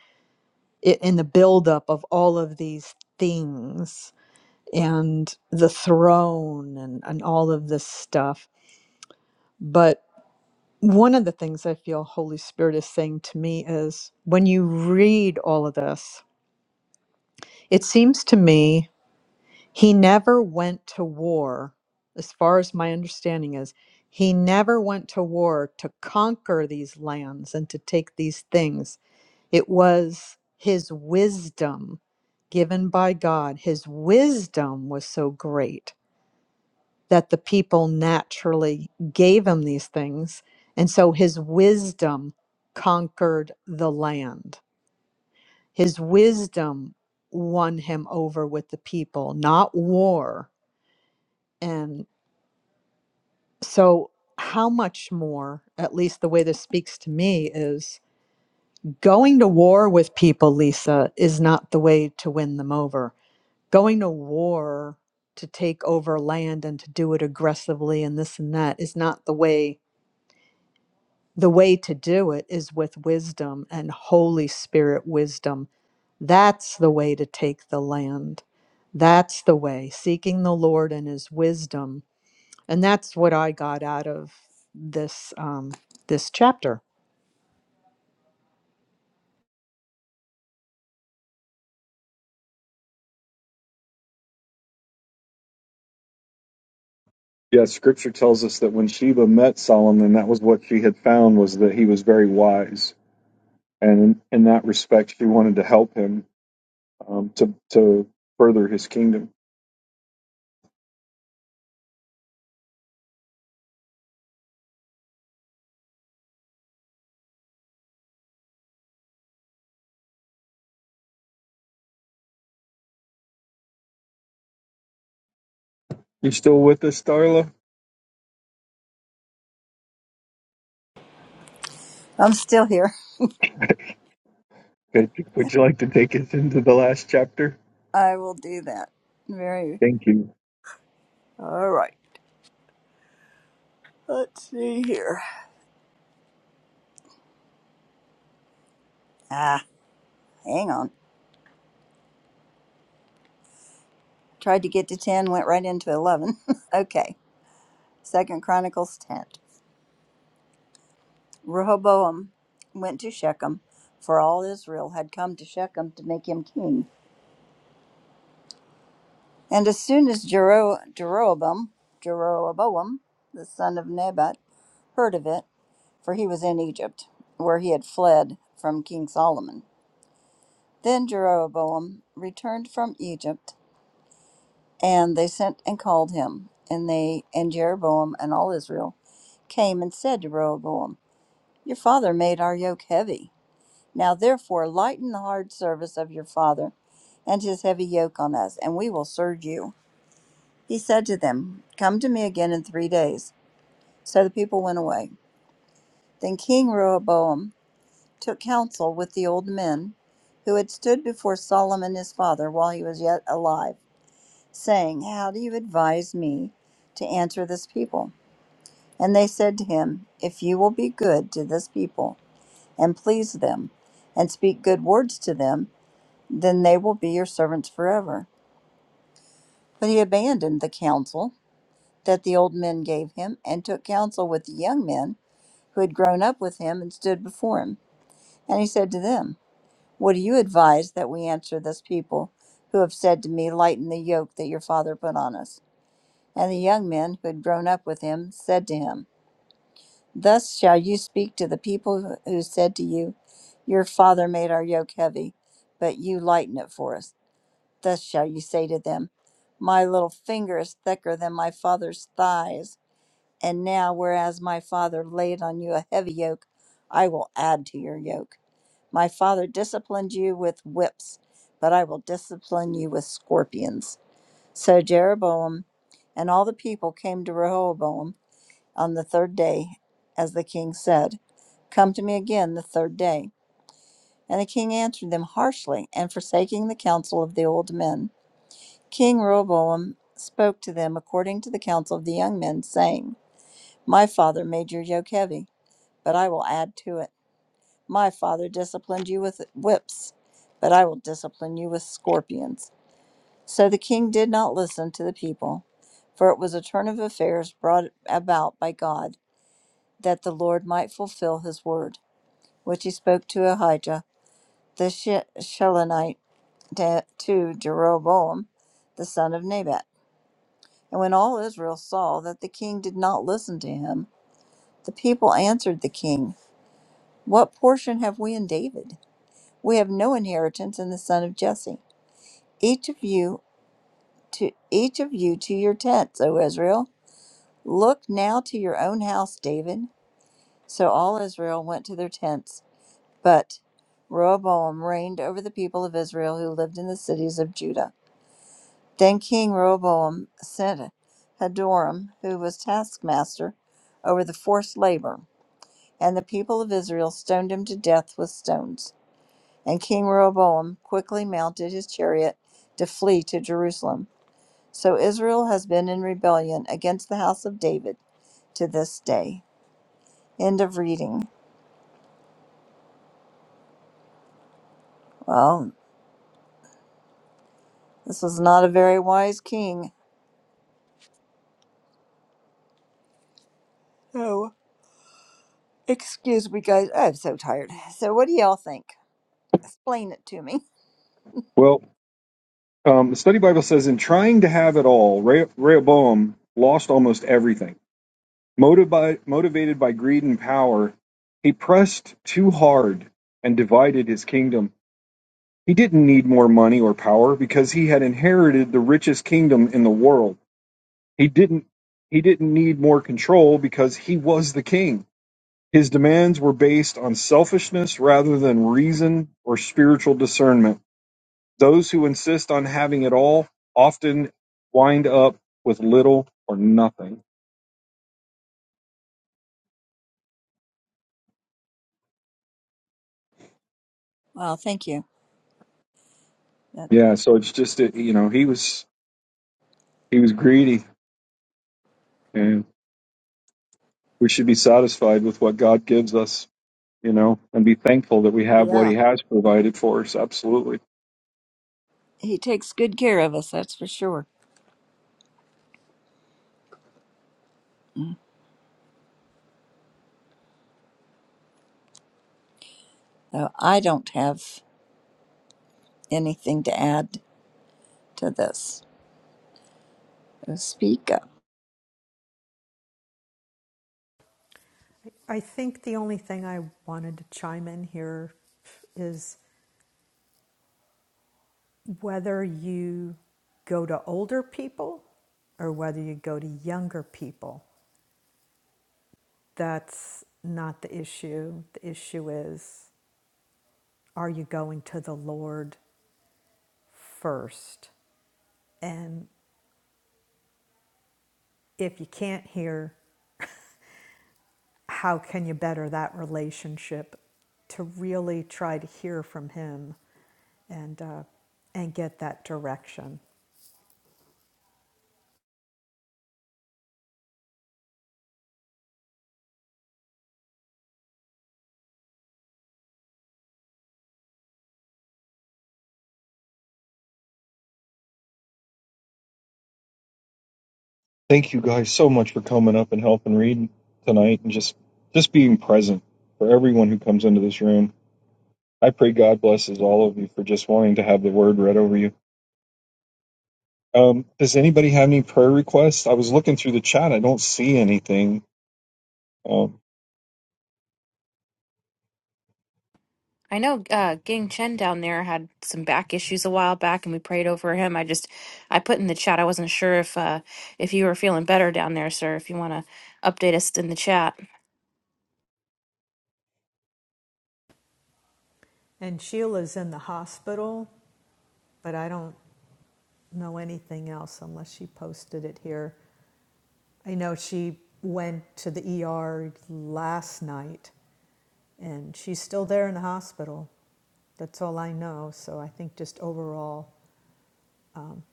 it in the buildup of all of these things and the throne and and all of this stuff. But one of the things I feel Holy Spirit is saying to me is when you read all of this, it seems to me He never went to war, as far as my understanding is. He never went to war to conquer these lands and to take these things. It was his wisdom given by God. His wisdom was so great that the people naturally gave him these things. And so his wisdom conquered the land. His wisdom won him over with the people, not war and. So, how much more, at least the way this speaks to me, is going to war with people, Lisa, is not the way to win them over. Going to war to take over land and to do it aggressively and this and that is not the way. The way to do it is with wisdom and Holy Spirit wisdom. That's the way to take the land. That's the way, seeking the Lord and his wisdom and that's what I got out of this um, this chapter.
Yeah, Scripture tells us that when Sheba met Solomon, that was what she had found was that he was very wise, and in, in that respect, she wanted to help him um, to to further his kingdom. You still with us, Darla?
I'm still here.
Good. Would you like to take us into the last chapter?
I will do that. Very.
Thank you.
All right. Let's see here. Ah, hang on. tried to get to 10 went right into 11 okay second chronicles 10 rehoboam went to shechem for all israel had come to shechem to make him king and as soon as Jero- jeroboam jeroboam the son of nebat heard of it for he was in egypt where he had fled from king solomon then jeroboam returned from egypt and they sent and called him and they and jeroboam and all israel came and said to rehoboam Your father made our yoke heavy. Now therefore lighten the hard service of your father and his heavy yoke on us, and we will serve you. He said to them, Come to me again in three days. So the people went away. Then King Rehoboam took counsel with the old men who had stood before Solomon his father while he was yet alive, saying, How do you advise me to answer this people? And they said to him, If you will be good to this people, and please them, and speak good words to them, then they will be your servants forever. But he abandoned the counsel that the old men gave him, and took counsel with the young men who had grown up with him and stood before him. And he said to them, What do you advise that we answer this people who have said to me, Lighten the yoke that your father put on us? And the young men who had grown up with him said to him. Thus shall you speak to the people who said to you, Your father made our yoke heavy, but you lighten it for us. Thus shall you say to them, My little finger is thicker than my father's thighs. And now, whereas my father laid on you a heavy yoke, I will add to your yoke. My father disciplined you with whips, but I will discipline you with scorpions. So Jeroboam and all the people came to Rehoboam on the third day, as the king said, Come to me again the third day. And the king answered them harshly, and forsaking the counsel of the old men, King Rehoboam spoke to them according to the counsel of the young men, saying, My father made your yoke heavy, but I will add to it. My father disciplined you with whips, but I will discipline you with scorpions. So the king did not listen to the people, for it was a turn of affairs brought about by God, that the Lord might fulfill his word. which he spoke to Ahijah the Shilonite to Jeroboam the son of Nebat. And when all Israel saw that the king did not listen to him, the people answered the king, What portion have we in David? We have no inheritance in the son of Jesse. Each of you to each of you to your tents, O Israel. Look now to your own house, David. So all Israel went to their tents But Rehoboam reigned over the people of Israel who lived in the cities of Judah. Then King Rehoboam sent Hadoram, who was taskmaster, over the forced labor, and the people of Israel stoned him to death with stones. And King Rehoboam quickly mounted his chariot to flee to Jerusalem. So Israel has been in rebellion against the house of David to this day. End of reading. Well, this was not a very wise king. No. Excuse me, guys. I'm so tired. So, what do y'all think? Explain it to me.
Well, um, the study Bible says, in trying to have it all, Re- Rehoboam lost almost everything. Motiv- motivated by greed and power, he pressed too hard and divided his kingdom. He didn't need more money or power because he had inherited the richest kingdom in the world. He didn't. He didn't need more control because he was the king. His demands were based on selfishness rather than reason or spiritual discernment. Those who insist on having it all often wind up with little or nothing.
Well, thank you. That,
Yeah, so it's just it, you know he was he was greedy, and we should be satisfied with what God gives us, you know, and be thankful that we have what
Yeah.
He has provided for us. Absolutely.
he takes good care of us, that's for sure. So I don't have anything to add to this. So speak up.
I think the only thing I wanted to chime in here is whether you go to older people or whether you go to younger people. That's not the issue. The issue is are you going to the Lord first? And if you can't hear, how can you better that relationship to really try to hear from Him? and uh, and get that direction.
Thank you guys so much for coming up and helping read tonight, and just just being present for everyone who comes into this room. I pray God blesses all of you for just wanting to have the word read over you. Um, does anybody have any prayer requests? I was looking through the chat. I don't see anything. Um,
I know uh, Ging Chen down there had some back issues a while back, and we prayed over him. I just, I put in the chat. I wasn't sure if uh, if you were feeling better down there, sir. If you want to update us in the chat,
And Sheila's in the hospital, but I don't know anything else unless she posted it here. I know she went to the ER last night, and she's still there in the hospital. That's all I know. So I think just overall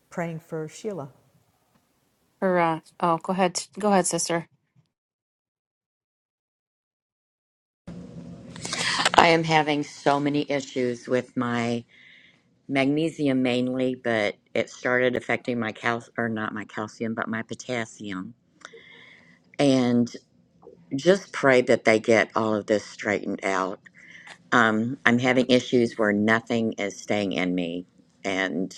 praying for Sheila.
or uh, oh, go ahead, go ahead, sister.
I am having so many issues with my magnesium mainly, but it started affecting my cal or not my calcium, but my potassium. And just pray that they get all of this straightened out. Um, I'm having issues where nothing is staying in me, and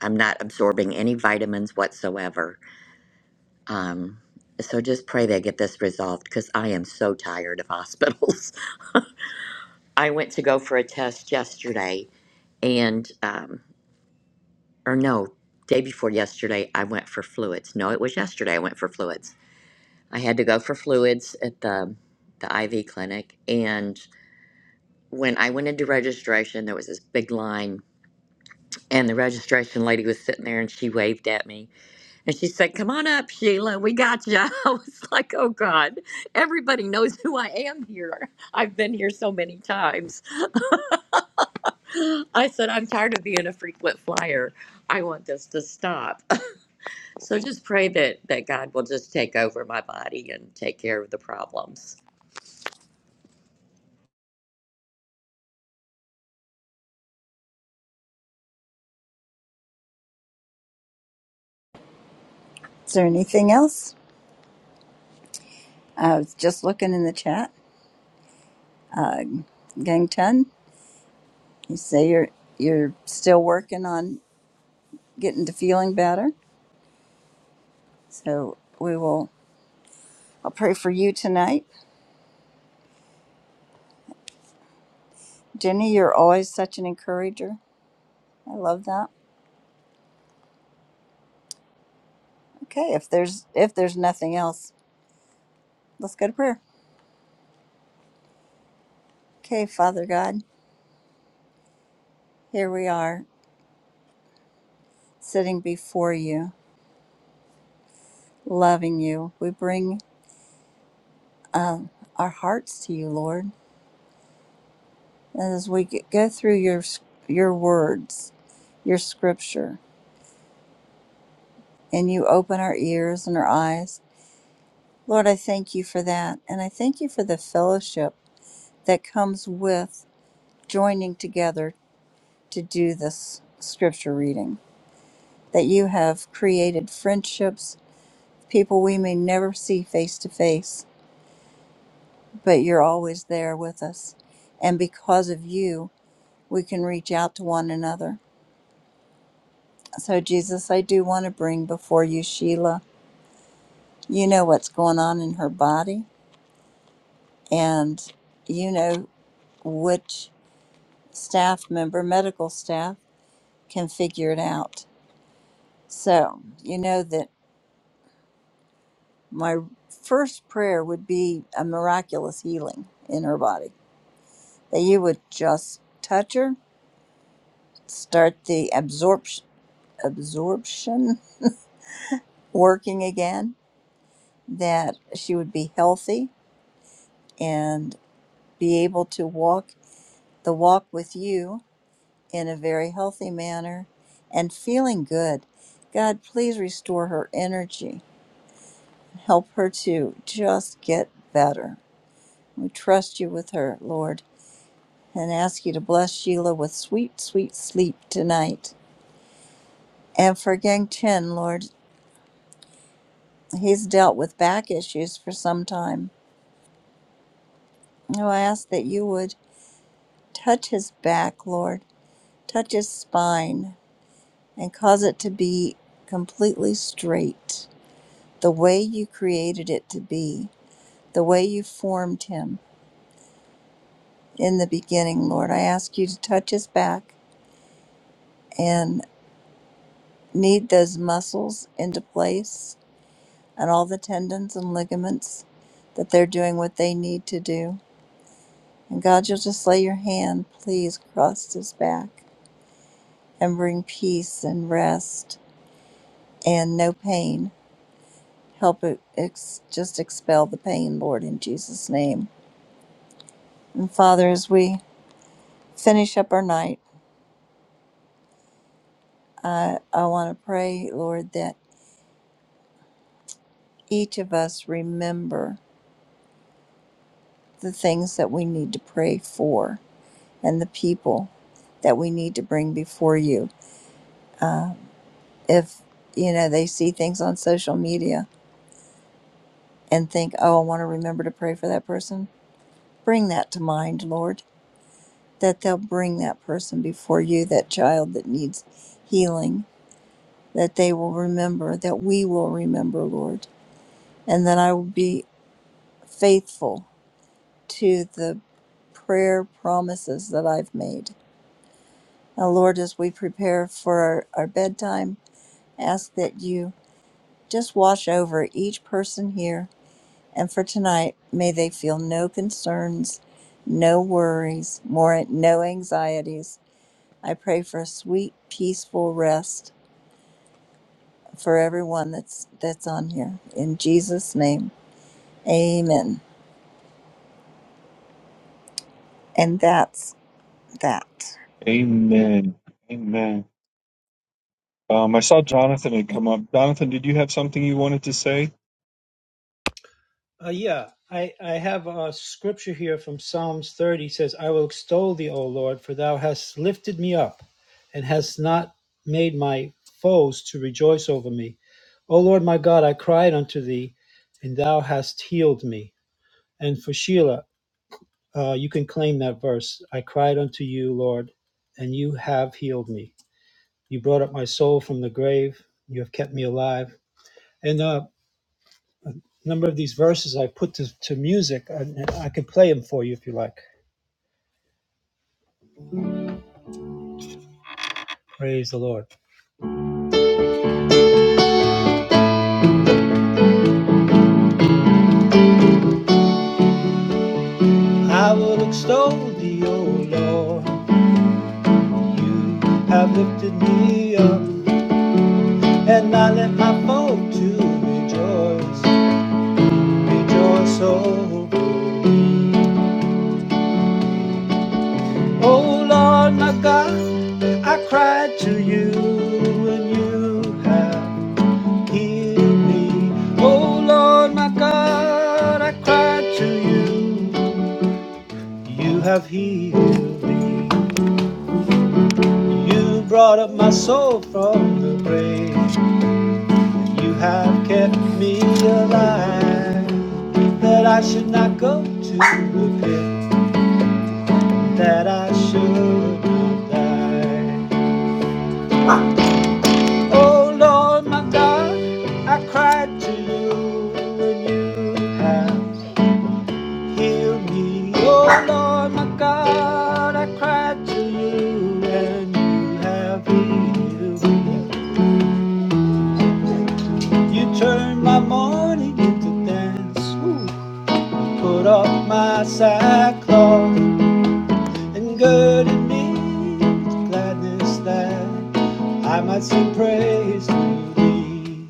I'm not absorbing any vitamins whatsoever. Um, so just pray they get this resolved because I am so tired of hospitals. I went to go for a test yesterday, and um, or no, day before yesterday, I went for fluids. No, it was yesterday I went for fluids. I had to go for fluids at the the IV clinic and when I went into registration, there was this big line, and the registration lady was sitting there, and she waved at me, and she said, "Come on up, Sheila, we got you." I was like, "Oh God, everybody knows who I am here. I've been here so many times." I said, "I'm tired of being a frequent flyer. I want this to stop." So just pray that that God will just take over my body and take care of the problems.
Is there anything else? I was just looking in the chat. Uh, Gang Tun, you say you're you're still working on getting to feeling better. So we will. I'll pray for you tonight, Jenny. You're always such an encourager. I love that. Okay, if there's if there's nothing else, let's go to prayer. Okay, Father God, here we are sitting before you, loving you. We bring um, our hearts to you, Lord, And as we g- go through your s- your words, your scripture, and you open our ears and our eyes. Lord, I thank you for that, and I thank you for the fellowship that comes with joining together to do this scripture reading. That you have created friendships people we may never see face to face, but you're always there with us. And because of you, we can reach out to one another. So, Jesus, I do want to bring before you Sheila. You know what's going on in her body, and you know which staff member, medical staff, can figure it out. So, you know that my first prayer would be a miraculous healing in her body, that you would just touch her start the absorption absorption working again that she would be healthy and be able to walk the walk with you in a very healthy manner and feeling good god please restore her energy help her to just get better we trust you with her lord and ask you to bless sheila with sweet sweet sleep tonight and for gang chen lord he's dealt with back issues for some time Oh, I ask that you would touch his back, Lord, touch his spine, and cause it to be completely straight, the way you created it to be, the way you formed him in the beginning, Lord. I ask you to touch his back and knead those muscles into place and all the tendons and ligaments that they're doing what they need to do. And God, you'll just lay your hand, please, across his back and bring peace and rest and no pain. Help it ex- just expel the pain, Lord, in Jesus' name. And Father, as we finish up our night, I, I want to pray, Lord, that each of us remember the things that we need to pray for and the people that we need to bring before you. Uh, if, you know, they see things on social media and think, oh, I want to remember to pray for that person, bring that to mind, Lord that they'll bring that person before you, that child that needs healing, that they will remember, that we will remember, Lord, and that I will be faithful to the prayer promises that I've made. Now, Lord, as we prepare for our, our bedtime, ask that you just wash over each person here. And for tonight, may they feel no concerns, no worries, more no anxieties. I pray for a sweet, peaceful rest for everyone that's that's on here. In Jesus' name, Amen. And that's that.
amen. Amen. Um, I saw Jonathan had come up. Jonathan, did you have something you wanted to say?
Uh, yeah, I, I have a scripture here from Psalms 30 says, I will extol thee, O Lord, for thou hast lifted me up and hast not made my foes to rejoice over me. O Lord my God, I cried unto thee, and thou hast healed me. And for Sheila, uh, you can claim that verse. I cried unto you, Lord, and you have healed me. You brought up my soul from the grave. You have kept me alive. And uh, A number of these verses I put to, to music, and I can play them for you if you like. Praise the Lord. I will extol thee, O Lord. You have lifted me up and not let my foe to rejoice. Rejoice, O Lord. O Lord, my God. I cried to you, and you have healed me. O Lord, my God. I cried to you. You have healed me. You brought up my soul from the grave. You have kept me alive. That I should not go to the pit. That I should not die. Oh Lord, my God, I cried to you and you have healed me. Oh Lord, my God, I cried to you and you have healed me. You turned my morning into dance. We put off my sackcloth and girded me with gladness that I might sing praise to thee.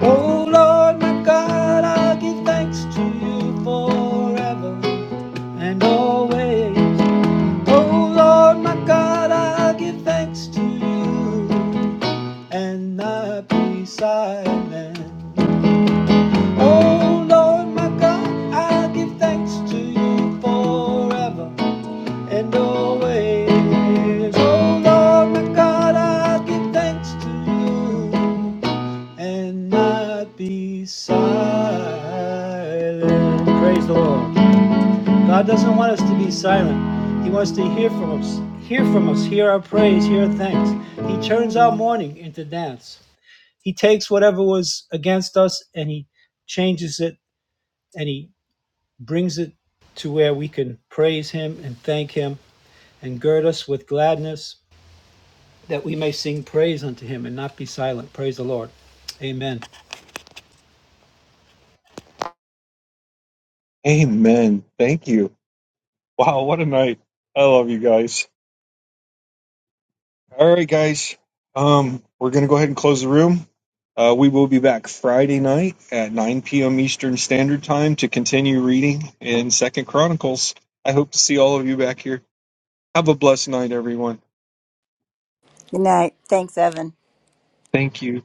Oh Lord, my God, I'll give thanks to you forever and always. Oh Lord, my God, I'll give thanks to you and not be silent. Oh Lord, my God, I give thanks to you forever and always. Oh Lord, my God, I give thanks to you and not be silent. Praise the Lord. God doesn't want us to be silent. He wants to hear from us. Hear from us. Hear our praise. Hear our thanks. He turns our mourning into dance. He takes whatever was against us and he changes it and he brings it to where we can praise him and thank him and gird us with gladness that we may sing praise unto him and not be silent. Praise the Lord. Amen.
Amen. Thank you. Wow, what a night. I love you guys. All right, guys. Um, we're going to go ahead and close the room. Uh, we will be back Friday night at 9 p.m. Eastern Standard Time to continue reading in Second Chronicles. I hope to see all of you back here. Have a blessed night, everyone.
Good night. Thanks, Evan.
Thank you.